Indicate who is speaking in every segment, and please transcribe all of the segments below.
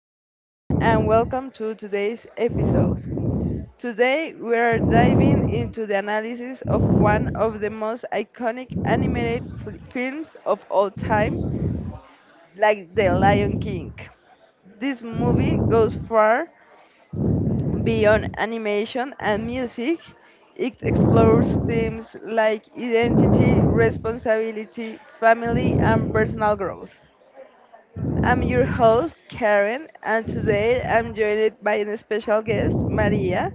Speaker 1: everyone, and welcome to today's episode. Today, we are diving into the analysis of one of the most iconic films of all time, like The Lion King. This movie goes far beyond animation and music. It explores themes like identity, responsibility, family, and personal growth. I'm your host, Karen, and today I'm joined by a special guest, Maria.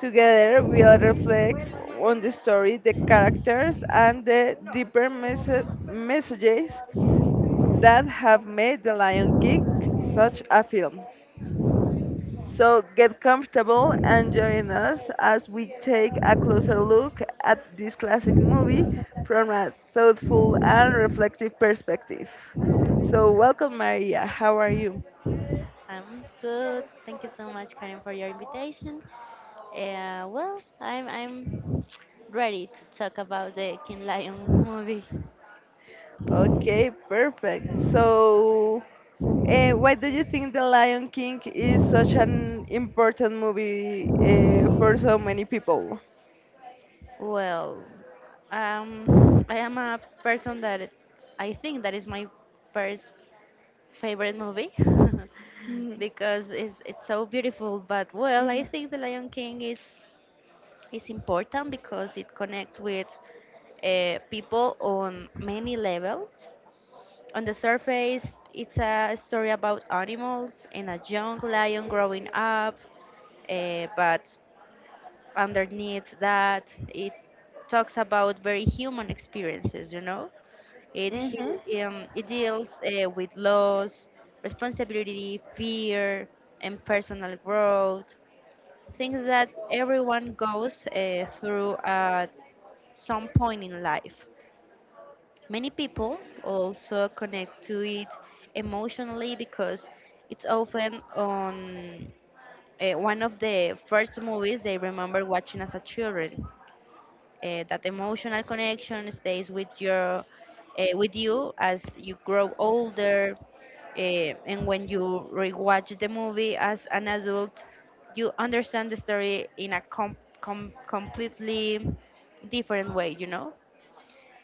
Speaker 1: Together, we'll reflect on the story, the characters, and the messages that have made The Lion King such a film. So, get comfortable and join us as we take a closer look at this classic movie from a thoughtful and reflective perspective. So, welcome, Maria. How are you?
Speaker 2: I'm good. Thank you so much, Karen, for your invitation. Well, I'm ready to talk about the King Lion movie.
Speaker 1: Okay, perfect. So, why do you think The Lion King is such an important movie for so many people?
Speaker 2: Well, I am a person I think that is my first favorite movie
Speaker 1: Mm-hmm.
Speaker 2: because it's so beautiful. But well, I think The Lion King is important because it connects with people on many levels. On the surface, it's a story about animals and a young lion growing up, but underneath that, it talks about very human experiences, you know? It,
Speaker 1: hmm
Speaker 2: he- um, it deals with loss, responsibility, fear, and personal growth, things that everyone goes through at some point in life. Many people also connect to it emotionally because it's often on one of the first movies they remember watching as a children. That emotional connection stays with you as you grow older, uh, and when you rewatch the movie as an adult, you understand the story in a completely different way. You know.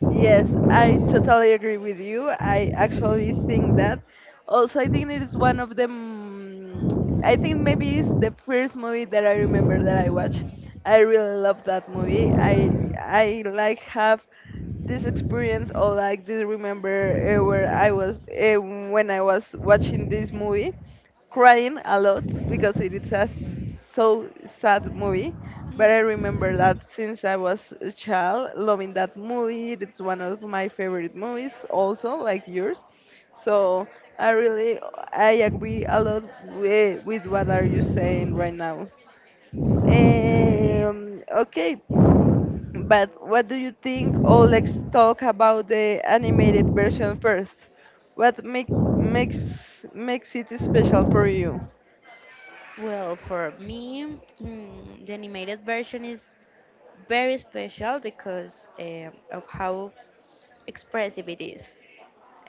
Speaker 1: Yes, I totally agree with you. I actually think that. Also, I think it is one of the. I think maybe it's the first movie that I remember that I watched. I really love that movie. I like have this experience or like this remember where I was when I was watching this movie crying a lot because it is so sad movie. But I remember that since I was a child, loving that movie. It's one of my favorite movies, also like yours. So I really I agree a lot with what are you saying right now. Okay, but what do you think? Oh, let's talk about the animated version first. What makes it special for you?
Speaker 2: Well, for me, the animated version is very special because of how expressive it is.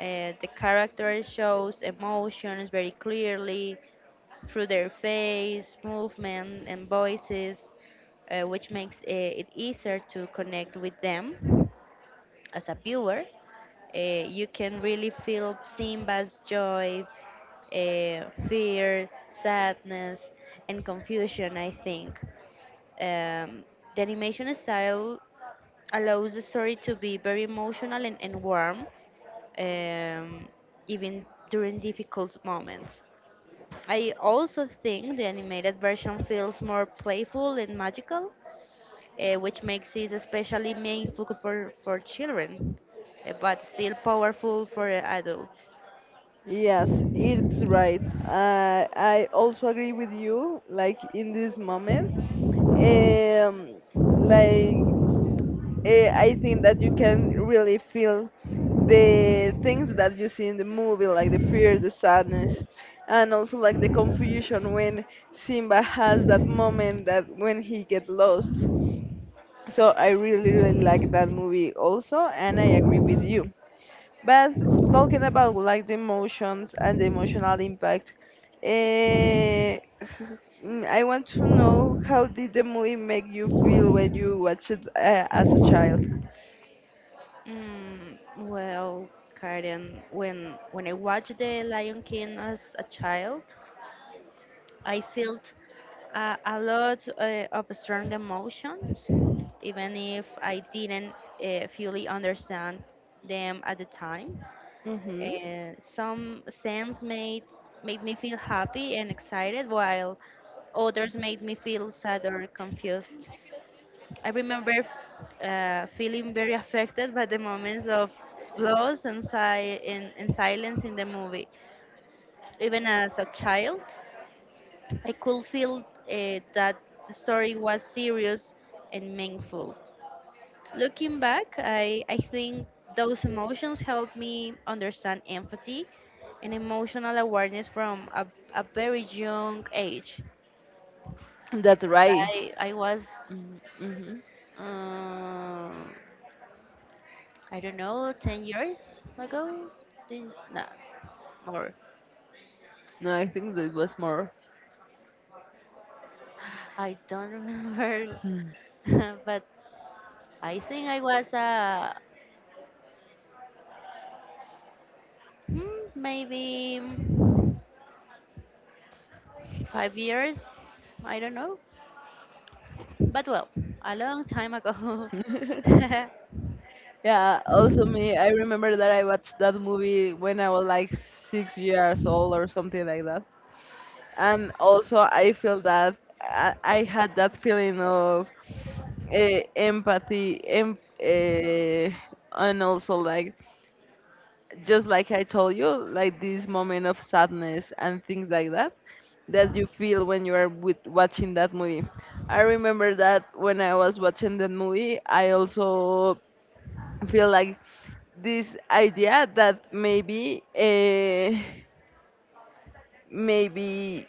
Speaker 2: The character shows emotions very clearly through their face, movement, and voices, which makes it easier to connect with them as a viewer. You can really feel Simba's joy, fear, sadness, and confusion, I think. Um, the animation style allows the story to be very emotional and warm, um, even during difficult moments. I also think the animated version feels more playful and magical, which makes it especially meaningful for children, but still powerful for adults.
Speaker 1: Yes, it's right. I also agree with you. Like in this moment, um, like I think that you can really feel the things that you see in the movie, like the fear, the sadness, and also like the confusion when Simba has that moment that when he get lost. So I really, really like that movie also, and I agree with you. But talking about like the emotions and the emotional impact, eh, I want to know how did the movie make you feel when you watched it as a child?
Speaker 2: Well, Karen, when I watched The Lion King as a child, I felt a lot of strong emotions, even if I didn't fully understand them at the time.
Speaker 1: Mm-hmm.
Speaker 2: And some scents made me feel happy and excited while others made me feel sad or confused. I remember feeling very affected by the moments of loss and silence in the movie. Even as a child I could feel that the story was serious and meaningful. Looking back, I think those emotions helped me understand empathy an emotional awareness from a very young age.
Speaker 1: That's
Speaker 2: Because
Speaker 1: right.
Speaker 2: I was,
Speaker 1: Mm-hmm. Mm-hmm.
Speaker 2: uh, I don't know, 10 years ago. No, more.
Speaker 1: No, I think that was more.
Speaker 2: I don't remember.
Speaker 1: Hmm.
Speaker 2: But I think I was, maybe 5 years, I don't know, but well, a long time ago.
Speaker 1: Yeah, also me, I remember that I watched that movie when I was like 6 years old or something like that. And also I feel that I had that feeling of empathy, and also like just like I told you like this moment of sadness and things like that that you feel when you are with watching that movie. I remember that when I was watching the movie I also feel like this idea that maybe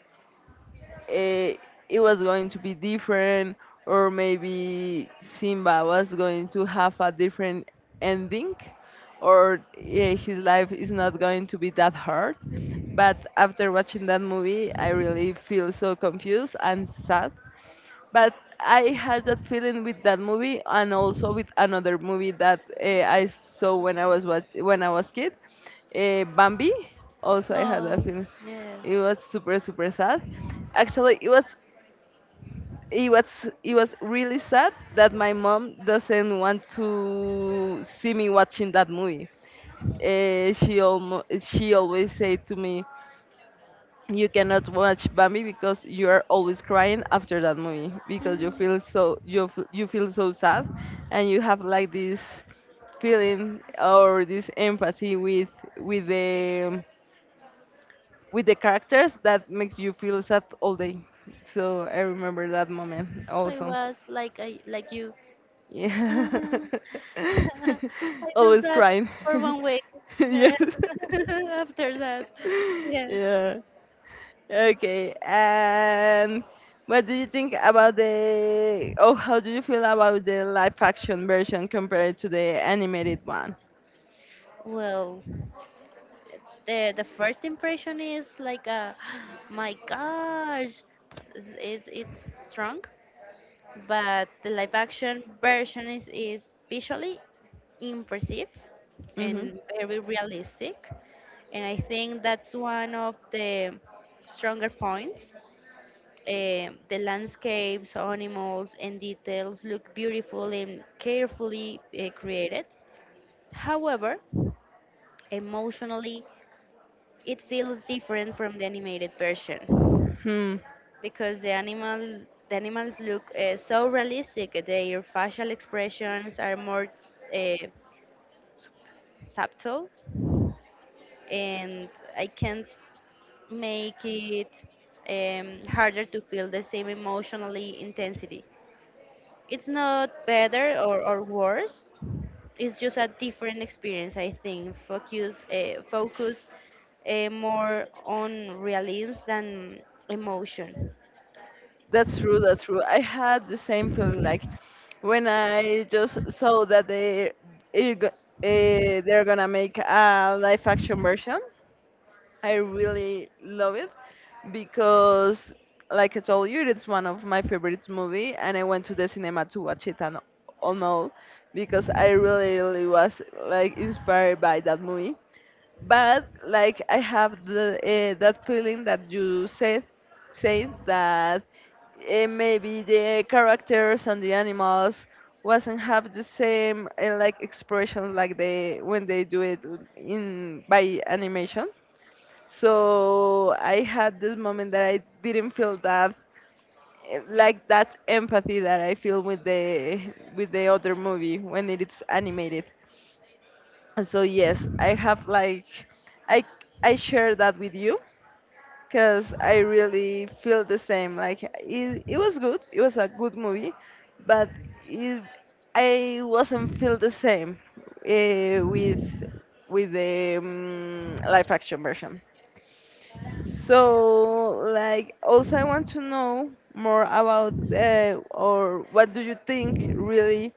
Speaker 1: eh, it was going to be different, or maybe Simba was going to have a different ending, or his life is not going to be that hard. But after watching that movie, I really feel so confused and sad, but I had that feeling with that movie and also with another movie that I saw when I was when I was kid, Bambi. Also, I had that
Speaker 2: Oh,
Speaker 1: feeling.
Speaker 2: yes.
Speaker 1: It was super super sad. Actually, it was really sad that my mom doesn't want to see me watching that movie. She always say to me, you cannot watch Bambi because you are always crying after that movie because you
Speaker 2: Mhm.
Speaker 1: feel so you feel so sad, and you have like this feeling or this empathy with with the with the characters that makes you feel sad all day. So I remember that moment
Speaker 2: I
Speaker 1: also.
Speaker 2: was like I, like you.
Speaker 1: Yeah.
Speaker 2: Uh, I feel
Speaker 1: always
Speaker 2: sad
Speaker 1: crying.
Speaker 2: for one week
Speaker 1: yes.
Speaker 2: after that. Yeah.
Speaker 1: yeah. Okay. And what do you think about Oh, how do you feel about the live action version compared to the animated one?
Speaker 2: Well, the first impression is like, my gosh, it's strong, but the live action version is visually impressive
Speaker 1: Hmm
Speaker 2: and very realistic, and I think that's one of the stronger points. The landscapes, animals, and details look beautiful and carefully created. However, emotionally, it feels different from the animated version
Speaker 1: Hmm.
Speaker 2: because the animals look so realistic. Their facial expressions are more uh, subtle, and I can't make it harder to feel the same emotionally intensity. It's not better or worse. It's just a different experience, I think. Focus more on realism than emotion.
Speaker 1: That's true. That's true. I had the same feeling like when I just saw that it, uh, they're gonna make a live action version. I really love it because, like I told you, it's one of my favorite movie, and I went to the cinema to watch it and all because I really, really was like inspired by that movie. But like I have the that feeling that you said that maybe the characters and the animals wasn't have the same like expressions like they when they do it in by animation, so I had this moment that I didn't feel that like that empathy that I feel with the other movie when it is animated. So yes, I have like I I share that with you because I really feel the same. Like it was good, it was a good movie, but it, I wasn't feel the same uh, with with the live action version. So, like, also I want to know more about or what do you think really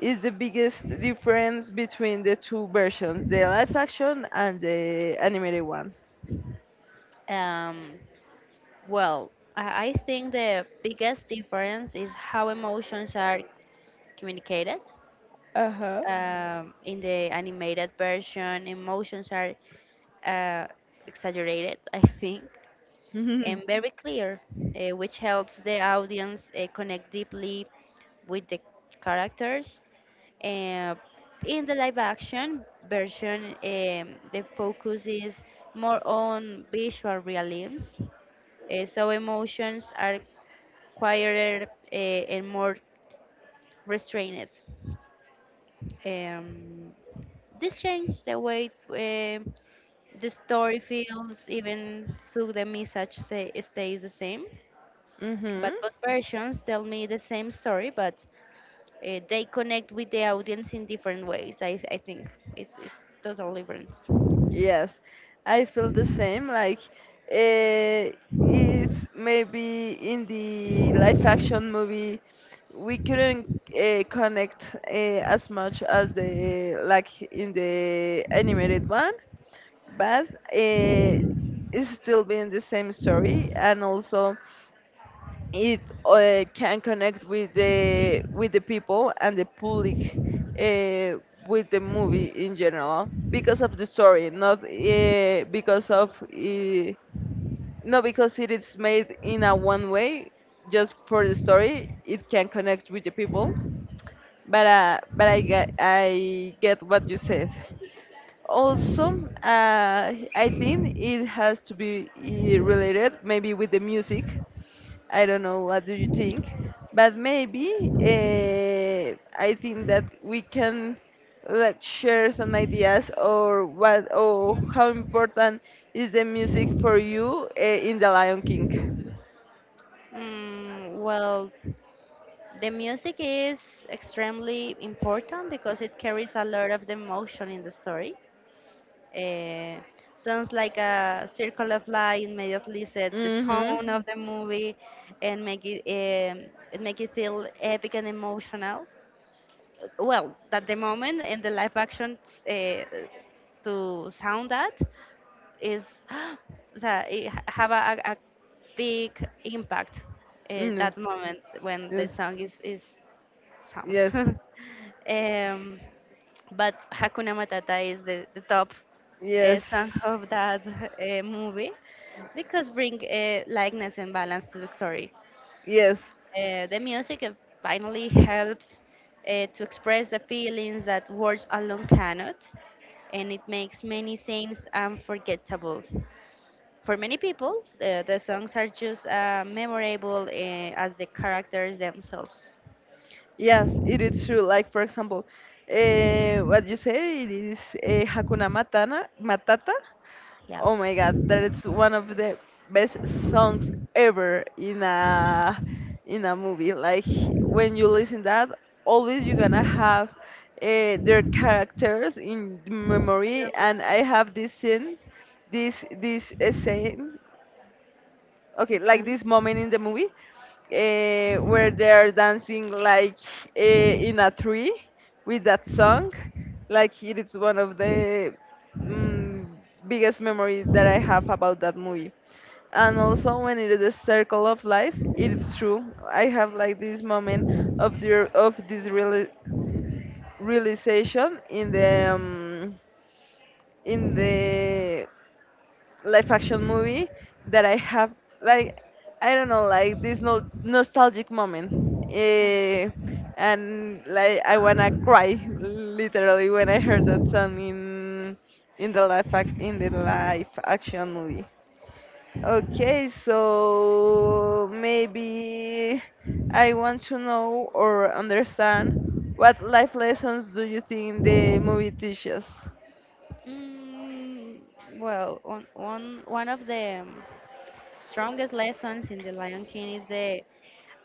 Speaker 1: is the biggest difference between the two versions, the live action and the animated one?
Speaker 2: Um, well, I think the biggest difference is how emotions are communicated.
Speaker 1: Uh huh.
Speaker 2: In the animated version, emotions are uh, exaggerated, I think. And very clear, which helps the audience connect deeply with the characters. Uh, in the live action version, the focus is more on visual realism, so emotions are quieter and more restrained. Um, this changed the way the story feels, even though the message stays the same. But
Speaker 1: Mm-hmm.
Speaker 2: both versions tell me the same story, but they connect with the audience in different ways. I think it's total different.
Speaker 1: Yes, I feel the same. Like, uh, it's maybe in the live action movie, we couldn't connect as much as the like in the animated one, but uh, it's still being the same story. And also, it can connect with the people and the public uh, with the movie in general because of the story, not because of not because it is made in a one way. Just for the story it can connect with the people, but I get what you said. Also I think it has to be related maybe with the music. I don't know what do you think, but maybe I think that we can like share some ideas or what or how important is the music for you in The Lion King.
Speaker 2: Well, the music is extremely important because it carries a lot of the emotion in the story. Uh, sounds like a circle of light immediately set the
Speaker 1: Mhm.
Speaker 2: tone of the movie and make it feel epic and emotional. Well, that the moment in the live action, uh, to sound that is so it have a big impact,
Speaker 1: Mm.
Speaker 2: that moment when the
Speaker 1: Yes.
Speaker 2: song is sound
Speaker 1: Yes.
Speaker 2: but Hakuna Matata is the top
Speaker 1: Yes.
Speaker 2: song of that movie, because bring likeness and balance to the story.
Speaker 1: Yes.
Speaker 2: The music finally helps to express the feelings that words alone cannot, and it makes many scenes unforgettable. For many people, the songs are just memorable as the characters themselves.
Speaker 1: Yes, it is true. Like for example, what you say it is uh, Matata.
Speaker 2: Yeah.
Speaker 1: Oh my God, that is one of the best songs ever in a movie. Like when you listen that, always you're gonna have their characters in the
Speaker 2: On your
Speaker 1: memory. And I
Speaker 2: mind,
Speaker 1: have this scene, this scene. Okay, like
Speaker 2: Sam?
Speaker 1: this moment in the movie where they're dancing like in a tree with that song. Like it is one of the mm, biggest memories that I have about that movie. And also when it is the circle of life, it's true. I have like this moment of the of realization in the in the live action movie that I have like I don't know like this nostalgic moment. Eh, and like I wanna cry literally when I heard that song in the in the live action movie. Okay, so maybe I want to know or understand what life lessons do you think the movie teaches?
Speaker 2: Mm, well, one of the strongest lessons in The Lion King is the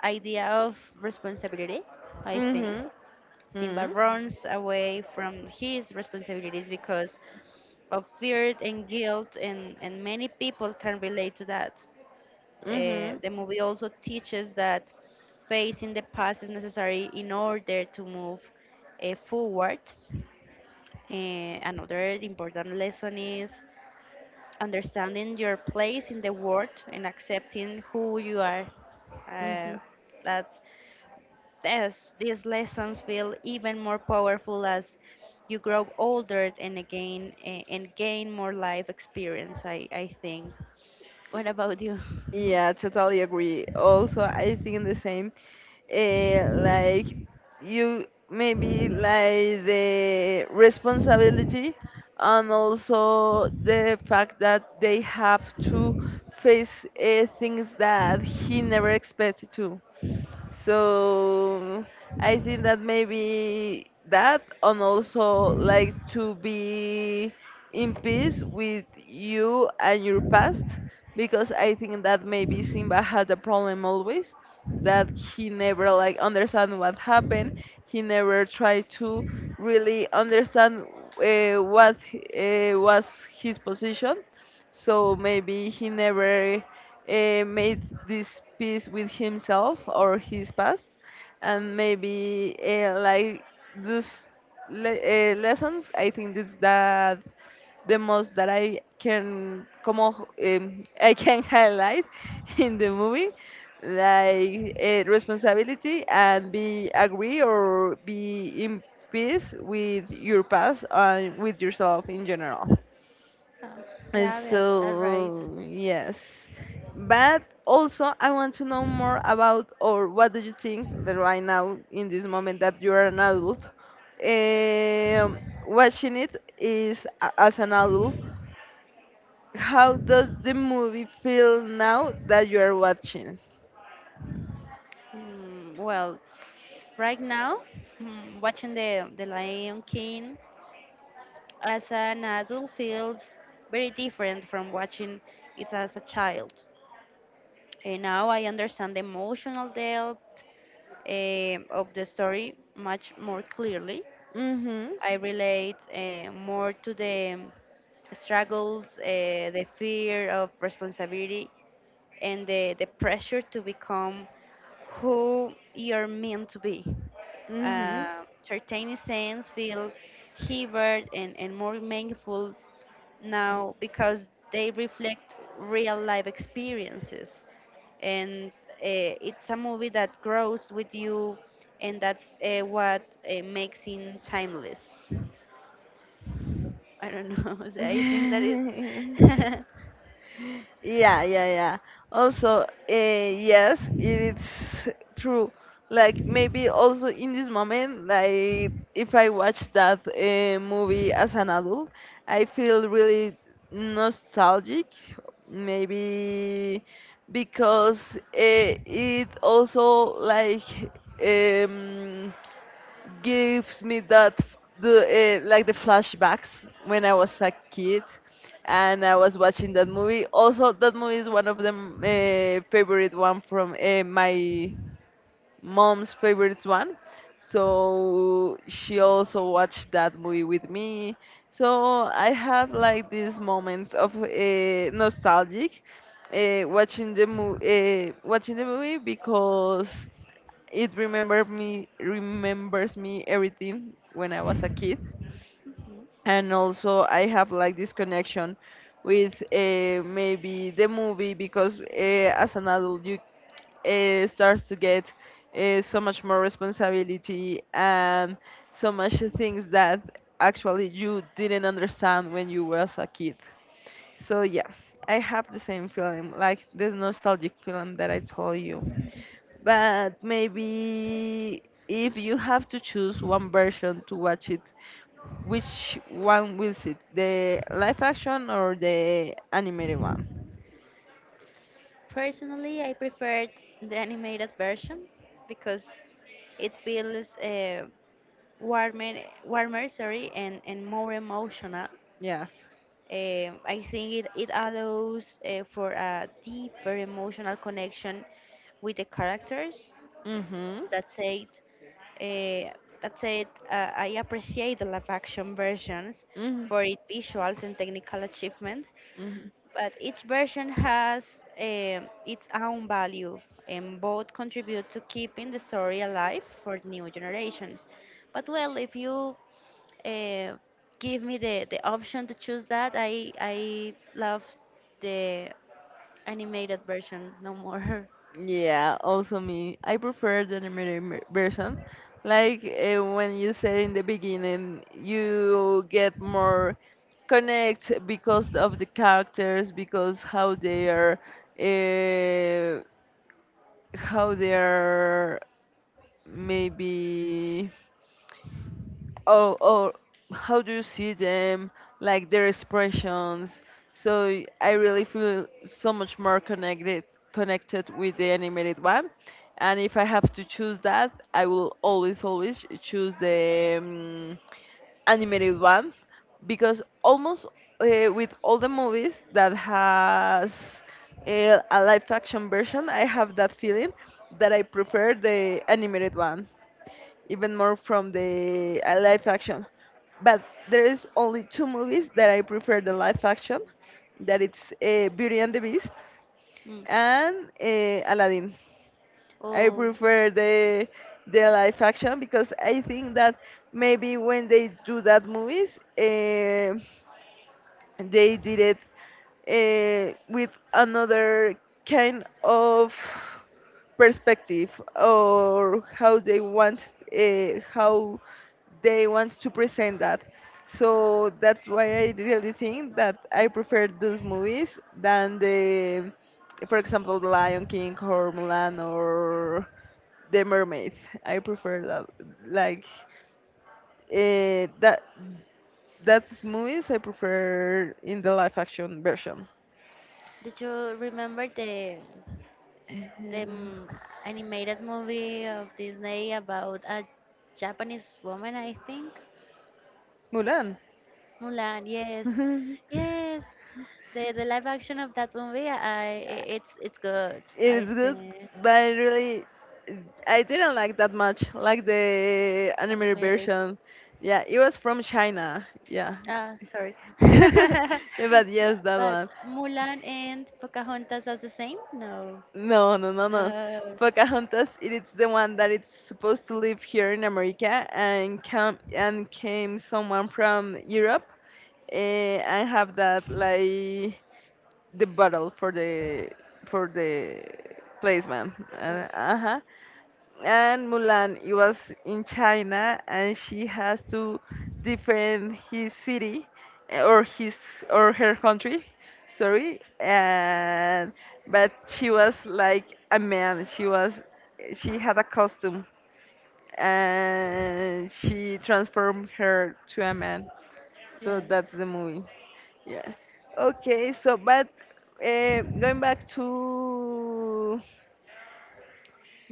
Speaker 2: idea of responsibility, I think.
Speaker 1: Mhm.
Speaker 2: Simba
Speaker 1: Mhm.
Speaker 2: runs away from his responsibilities because of fear and guilt, and many people can relate to that.
Speaker 1: Mhm.
Speaker 2: The movie also teaches that facing the past is necessary in order to move forward. Uh, another important lesson is understanding your place in the world and accepting who you are. Uh,
Speaker 1: Mhm.
Speaker 2: that Yes, these lessons feel even more powerful as you grow older and again and gain more life experience. I think. What about you?
Speaker 1: Yeah, totally agree. Also, I think the same. Like you maybe like the responsibility and also the fact that they have to face things that he never expected to. So I think that maybe that and also like to be in peace with you and your past, because I think that maybe Simba had a problem always that he never like understand what happened. He never tried to really understand what was his position, so maybe he never made this peace with himself or his past, and maybe like those lessons I think this that the most that I can I can highlight in the movie, like responsibility and be agree or be in peace with your past and with yourself in general.
Speaker 2: Um,
Speaker 1: uh,
Speaker 2: yeah, yeah, that's right.
Speaker 1: So, yes. But also, I want to know more about, or what do you think that right now, in this moment that you are an adult, um, watching it is as an adult, how does the movie feel now that you are watching?
Speaker 2: Well, right now, watching the Lion King as an adult feels very different from watching it as a child. And now I understand the emotional depth of the story much more clearly.
Speaker 1: Hmm
Speaker 2: I relate more to the struggles, the fear of responsibility, and the pressure to become who you're meant to be.
Speaker 1: hmm
Speaker 2: Certain sense feel heavier and more meaningful now because they reflect real life experiences, and it's a movie that grows with you and that's what makes it timeless. I don't know. So I think that is.
Speaker 1: Yeah, yeah, yeah. Also, yes, it's true. Like maybe also in this moment, like if I watch that movie as an adult, I feel really nostalgic. Maybe because it also like um, gives me that f- the like the flashbacks when I was a kid and I was watching that movie. Also, that movie is one of the favorite one from my mom's favorite one. So she also watched that movie with me. So I have like these moments of nostalgic watching the movie because it remembered me remembers me everything when I was a kid, and also I have like this connection with maybe the movie because as an adult you starts to get so much more responsibility and so much things that actually you didn't understand when you was a kid. So yeah, I have the same feeling, like this nostalgic feeling that I told you. But maybe if you have to choose one version to watch it, which one will it? The live action or the animated one?
Speaker 2: Personally, I preferred the animated version because it feels warmer, warmer, sorry, and more emotional.
Speaker 1: Yes.
Speaker 2: I think it allows for a deeper emotional connection with the characters.
Speaker 1: Mhm.
Speaker 2: That said, Uh, that said, I appreciate the live action versions
Speaker 1: Mhm.
Speaker 2: for its visuals and technical achievement,
Speaker 1: Mhm.
Speaker 2: but each version has its own value and both contribute to keeping the story alive for new generations. But well, if you uh, give me the option to choose, that I love the animated version, no more.
Speaker 1: Yeah, also me. I prefer the version. Like when you said in the beginning, you get more connect because of the characters, because how they are, uh, how they are. maybe or how do you see them, like their expressions. So I really feel so much more connected with the animated one. And if I have to choose that, I will always choose the animated one, because almost with all the movies that has a live action version, I have that feeling that I prefer the animated one even more from the live action. But there is only two movies that I prefer the live action, that it's Beauty and the Beast
Speaker 2: Mm.
Speaker 1: and Aladdin. I
Speaker 2: Oh,
Speaker 1: prefer the live action because I think that maybe when they do that movies, they did it with another kind of perspective, or how they want, how they want to present that. So that's why I really think that I prefer those movies than the, for example, the Lion King, or Mulan, or the Mermaid. I prefer that, like, uh, that that's movies I prefer in the live action version.
Speaker 2: did you remember the
Speaker 1: Uh,
Speaker 2: animated movie of Disney about a Japanese woman, I think?
Speaker 1: Mulan.
Speaker 2: Mulan, yes,
Speaker 1: It
Speaker 2: yes. The live action of that movie, it's good.
Speaker 1: is
Speaker 2: I
Speaker 1: good,
Speaker 2: think
Speaker 1: but it really, I didn't like that much, like the animated
Speaker 2: animated.
Speaker 1: version. Yeah, it was from China. Yeah.
Speaker 2: Ah, sorry.
Speaker 1: Yeah,
Speaker 2: But
Speaker 1: but yes, that
Speaker 2: But
Speaker 1: one.
Speaker 2: Mulan and Pocahontas are the same? No,
Speaker 1: No, no, no, no.
Speaker 2: no.
Speaker 1: Pocahontas, it is the one that it's supposed to live here in America and come and came someone from Europe, eh, and have that, like, the battle for the for the placement.
Speaker 2: Oh,
Speaker 1: Uh-huh. And Mulan, it was in China, and she has to defend his city, eh, or her country. Sorry, and but she was like a man. She had a costume, and she transformed her to a man. So
Speaker 2: yes,
Speaker 1: that's the movie. Yeah. Okay. So, but going back to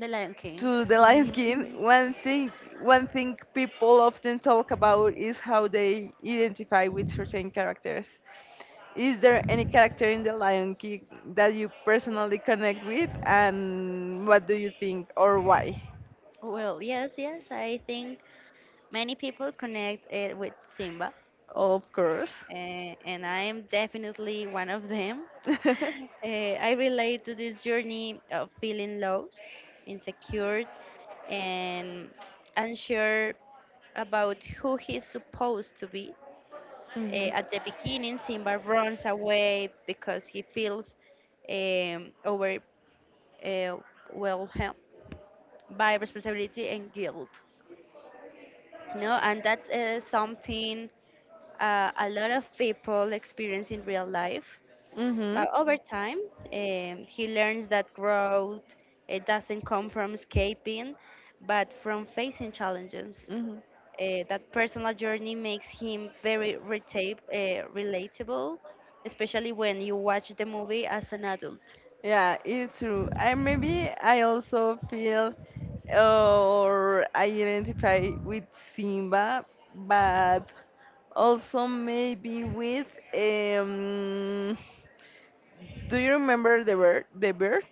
Speaker 2: The Lion King.
Speaker 1: the Lion King, one thing people often talk about is how they identify with certain characters. Is there any character in the Lion King that you personally connect with, and what do you think or why?
Speaker 2: Well, yes, yes. I think many people connect it with Simba.
Speaker 1: Of course.
Speaker 2: And I am definitely one of them. I relate to this journey of feeling lost, insecure, and unsure about who he's supposed to be. Uh,
Speaker 1: Mhm.
Speaker 2: at the beginning, Simba runs away because he feels um, over, uh, overwhelmed by responsibility and guilt. No, and that's something a lot of people experience in real life.
Speaker 1: Mhm.
Speaker 2: But over time, he learns that growth it doesn't come from escaping, but from facing challenges.
Speaker 1: Mhm.
Speaker 2: That personal journey makes him very relatable, especially when you watch the movie as an adult.
Speaker 1: Yeah, it's true. I maybe I also feel or I identify with Simba, but also maybe with um. Do you remember the bird? The bird?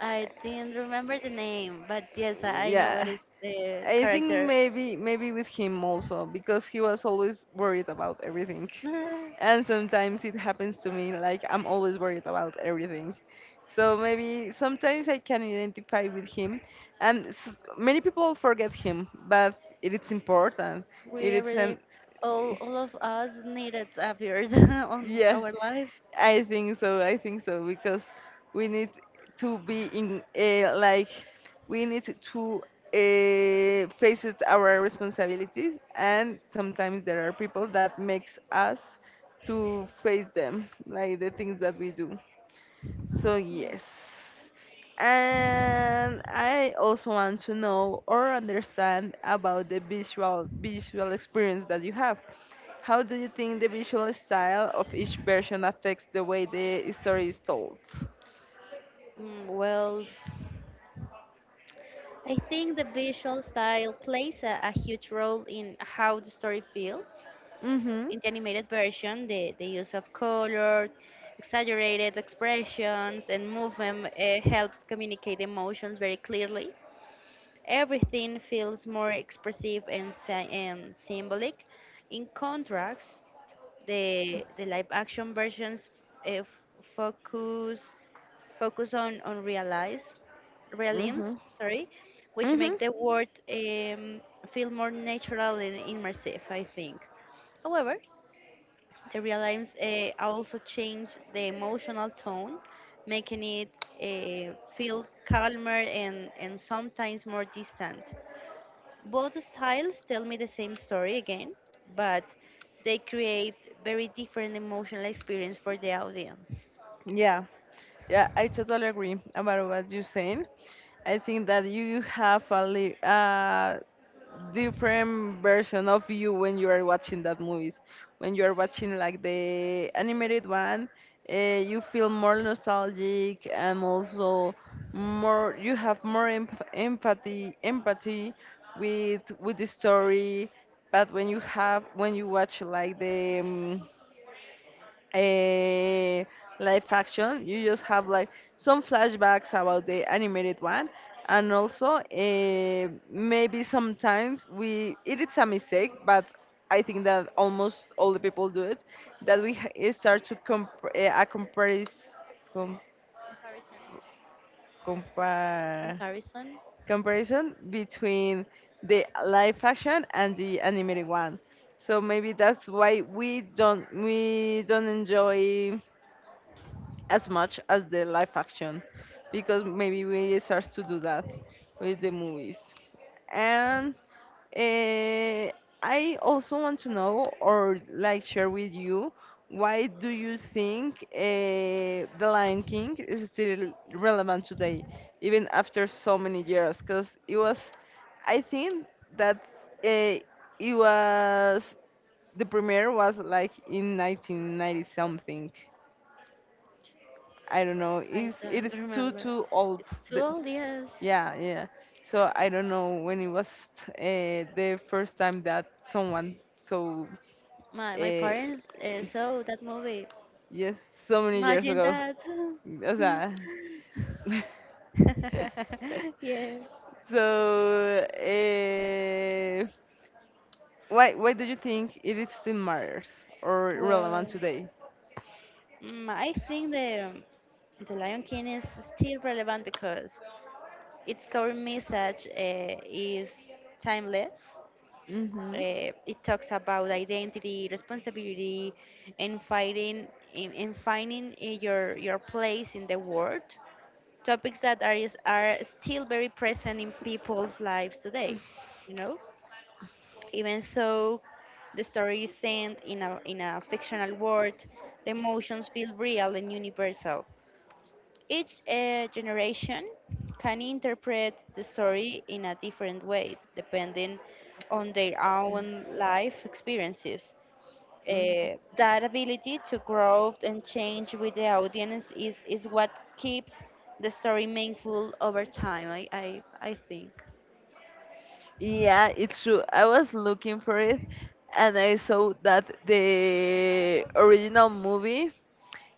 Speaker 2: I didn't remember the name, but yes, I know what
Speaker 1: Yeah,
Speaker 2: is the
Speaker 1: I think
Speaker 2: character.
Speaker 1: maybe with him also, because he was always worried about everything. And sometimes it happens to me, like I'm always worried about everything. So maybe sometimes I can identify with him, and many people forget him, but it is important. It
Speaker 2: We are
Speaker 1: is
Speaker 2: really,
Speaker 1: an
Speaker 2: all of us needed appeared on
Speaker 1: yeah.
Speaker 2: our life.
Speaker 1: I think so. I think so, because we need to be in like we need to face it our responsibilities, and sometimes there are people that makes us to face them, like the things that we do. So
Speaker 2: Yeah.
Speaker 1: yes. And I also want to know or understand about the visual experience that you have. How do you think the visual style of each version affects the way the story is told?
Speaker 2: Well, I think the visual style plays a huge role in how the story feels.
Speaker 1: Mhm.
Speaker 2: In the animated version, the use of color, exaggerated expressions, and movement helps communicate emotions very clearly. Everything feels more expressive and symbolic. In contrast, the live action versions uh, f- focus focus on realize realms,
Speaker 1: Mhm.
Speaker 2: sorry, which
Speaker 1: Mhm.
Speaker 2: make the world feel more natural and immersive, I think. However, the realisms also change the emotional tone, making it feel calmer and sometimes more distant. Both styles tell me the same story again, but they create very different emotional experience for the audience.
Speaker 1: Yeah. Yeah, I totally agree about what you're saying. I think that you have a different version of you when you are watching that movies. When you are watching like the animated one, you feel more nostalgic, and also more you have more empathy with the story. But when you have when you watch like the a live action, you just have like some flashbacks about the animated one. And also, eh, maybe sometimes we, it is a mistake, but I think that almost all the people do it, that we start to comp- eh, a comparis- com-
Speaker 2: Comparison.
Speaker 1: compare
Speaker 2: Comparison.
Speaker 1: comparison between the live action and the animated one. So maybe that's why we don't enjoy as much as the live action, because maybe we start to do that with the movies. And uh, I also want to know or like share with you, why do you think the Lion King is still relevant today, even after so many years? Because it was, I think that, uh, it was the premiere was like in 1990 something, I don't know.
Speaker 2: I
Speaker 1: It's it
Speaker 2: don't
Speaker 1: is
Speaker 2: remember.
Speaker 1: too old.
Speaker 2: It's too
Speaker 1: That,
Speaker 2: old, yes.
Speaker 1: yeah, yeah. So I don't know when it was the first time that someone, so
Speaker 2: My
Speaker 1: uh,
Speaker 2: parents saw that movie.
Speaker 1: yes, so many years
Speaker 2: Imagine
Speaker 1: ago.
Speaker 2: that.
Speaker 1: O sea,
Speaker 2: Yes.
Speaker 1: so why do you think it is still matters or relevant
Speaker 2: Well,
Speaker 1: today?
Speaker 2: I think the Lion King is still relevant because its core message is timeless.
Speaker 1: Mhm.
Speaker 2: It talks about identity, responsibility, and fighting and finding your place in the world. Topics that are still very present in people's lives today, you know? Even though the story is sent in a fictional world, the emotions feel real and universal. Each generation can interpret the story in a different way, depending on their own life experiences.
Speaker 1: Mm.
Speaker 2: That ability to grow and change with the audience is what keeps the story meaningful over time, I think.
Speaker 1: Yeah, it's true. I was looking for it, and I saw that the original movie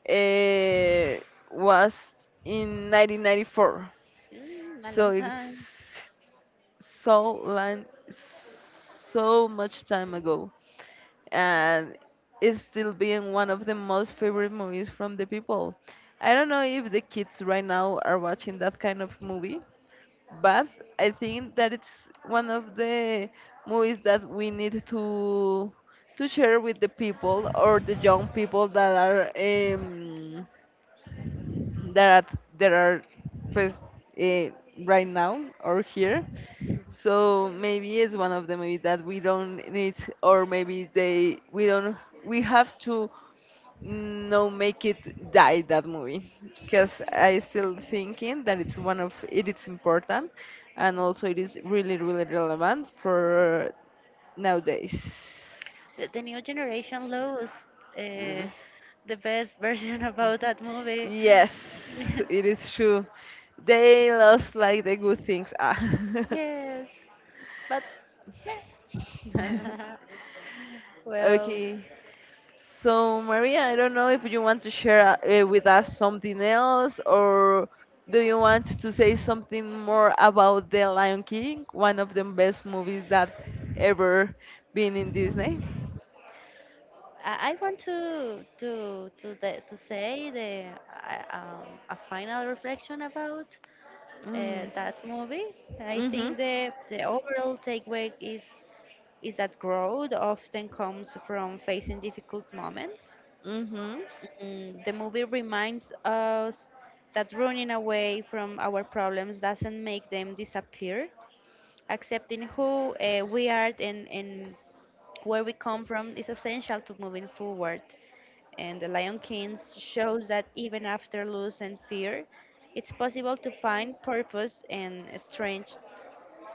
Speaker 1: uh, was in 1994.
Speaker 2: A
Speaker 1: So
Speaker 2: long
Speaker 1: it's
Speaker 2: time.
Speaker 1: so long, so much time ago. And it's still being one of the most favorite movies from the people. I don't know if the kids right now are watching that kind of movie, but I think that it's one of the movies that we need to share with the people, or the young people that are that are, pues, uh, right now or here. So maybe it's one of the movies that we don't need, or maybe they, we don't, we have to no make it die that movie, because I still thinking that it's one of it is important, and also it is really really relevant for nowadays.
Speaker 2: The new generation lost uh,
Speaker 1: Mm.
Speaker 2: the best version about that movie.
Speaker 1: Yes, it is true, they lost like the good things, ah.
Speaker 2: Yes, but yeah. Well,
Speaker 1: Okay. So, Maria, I don't know if you want to share with us something else, or do you want to say something more about The Lion King, one of the best movies that ever been in Disney?
Speaker 2: I want to say a final reflection about
Speaker 1: Mm-hmm.
Speaker 2: that movie. I think the overall takeaway is that growth often comes from facing difficult moments.
Speaker 1: Mm-hmm.
Speaker 2: The movie reminds us that running away from our problems doesn't make them disappear. Accepting who we are and where we come from is essential to moving forward. And The Lion King shows that even after loss and fear, it's possible to find purpose and strength.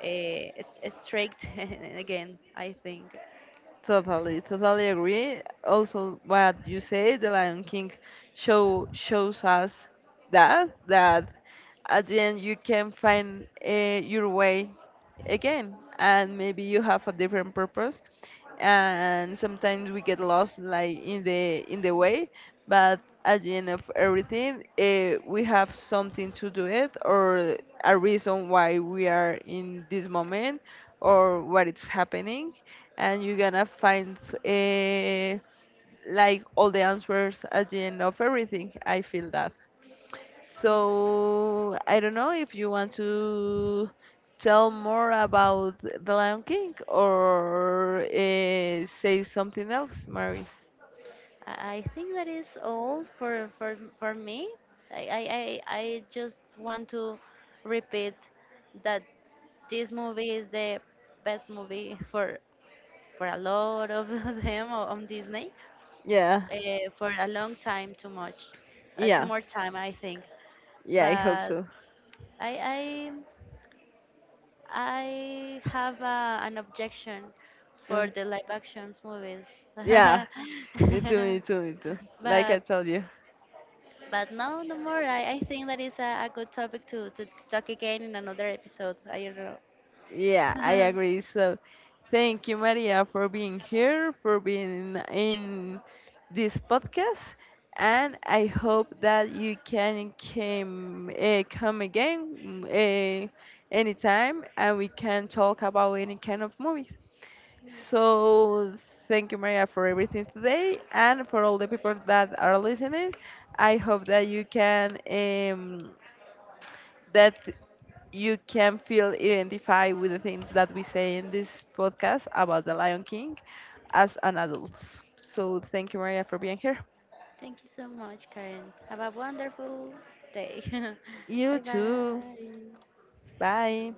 Speaker 2: Uh, Strength again, I think.
Speaker 1: Totally, totally agree. Also, what you say, The Lion King shows us that at the end you can find your way again, and maybe you have a different purpose. And sometimes we get lost, like in the way, but at the end of everything, we have something to do it, or a reason why we are in this moment, or what is happening, and you're gonna find uh, like all the answers at the end of everything. I feel that. So I don't know if you want to tell more about The Lion King, or say something else, Mary.
Speaker 2: I think that is all for me. I just want to repeat that this movie is the best movie for a lot of on Disney
Speaker 1: Yeah,
Speaker 2: uh, for a long time, too much, too
Speaker 1: yeah,
Speaker 2: more time, I think.
Speaker 1: yeah. I hope
Speaker 2: But
Speaker 1: so.
Speaker 2: I I I have an objection
Speaker 1: Uh,
Speaker 2: for the live actions movies.
Speaker 1: Yeah, me too. Like I
Speaker 2: But
Speaker 1: told you.
Speaker 2: but no, no more. I think that is a good topic to talk again in another episode. I don't
Speaker 1: Yeah, I
Speaker 2: know.
Speaker 1: agree. So, thank you, Maria, for being here, for being in this podcast, and I hope that you can come again anytime, and we can talk about any kind of movies. So, thank you, Maria, for everything today, and for all the people that are listening. I hope that you can feel identified with the things that we say in this podcast about the Lion King as an adult. So thank you, Maria, for being here.
Speaker 2: Thank you so much, Karen. Have a wonderful day.
Speaker 1: You
Speaker 2: Bye
Speaker 1: too.
Speaker 2: bye.
Speaker 1: Bye.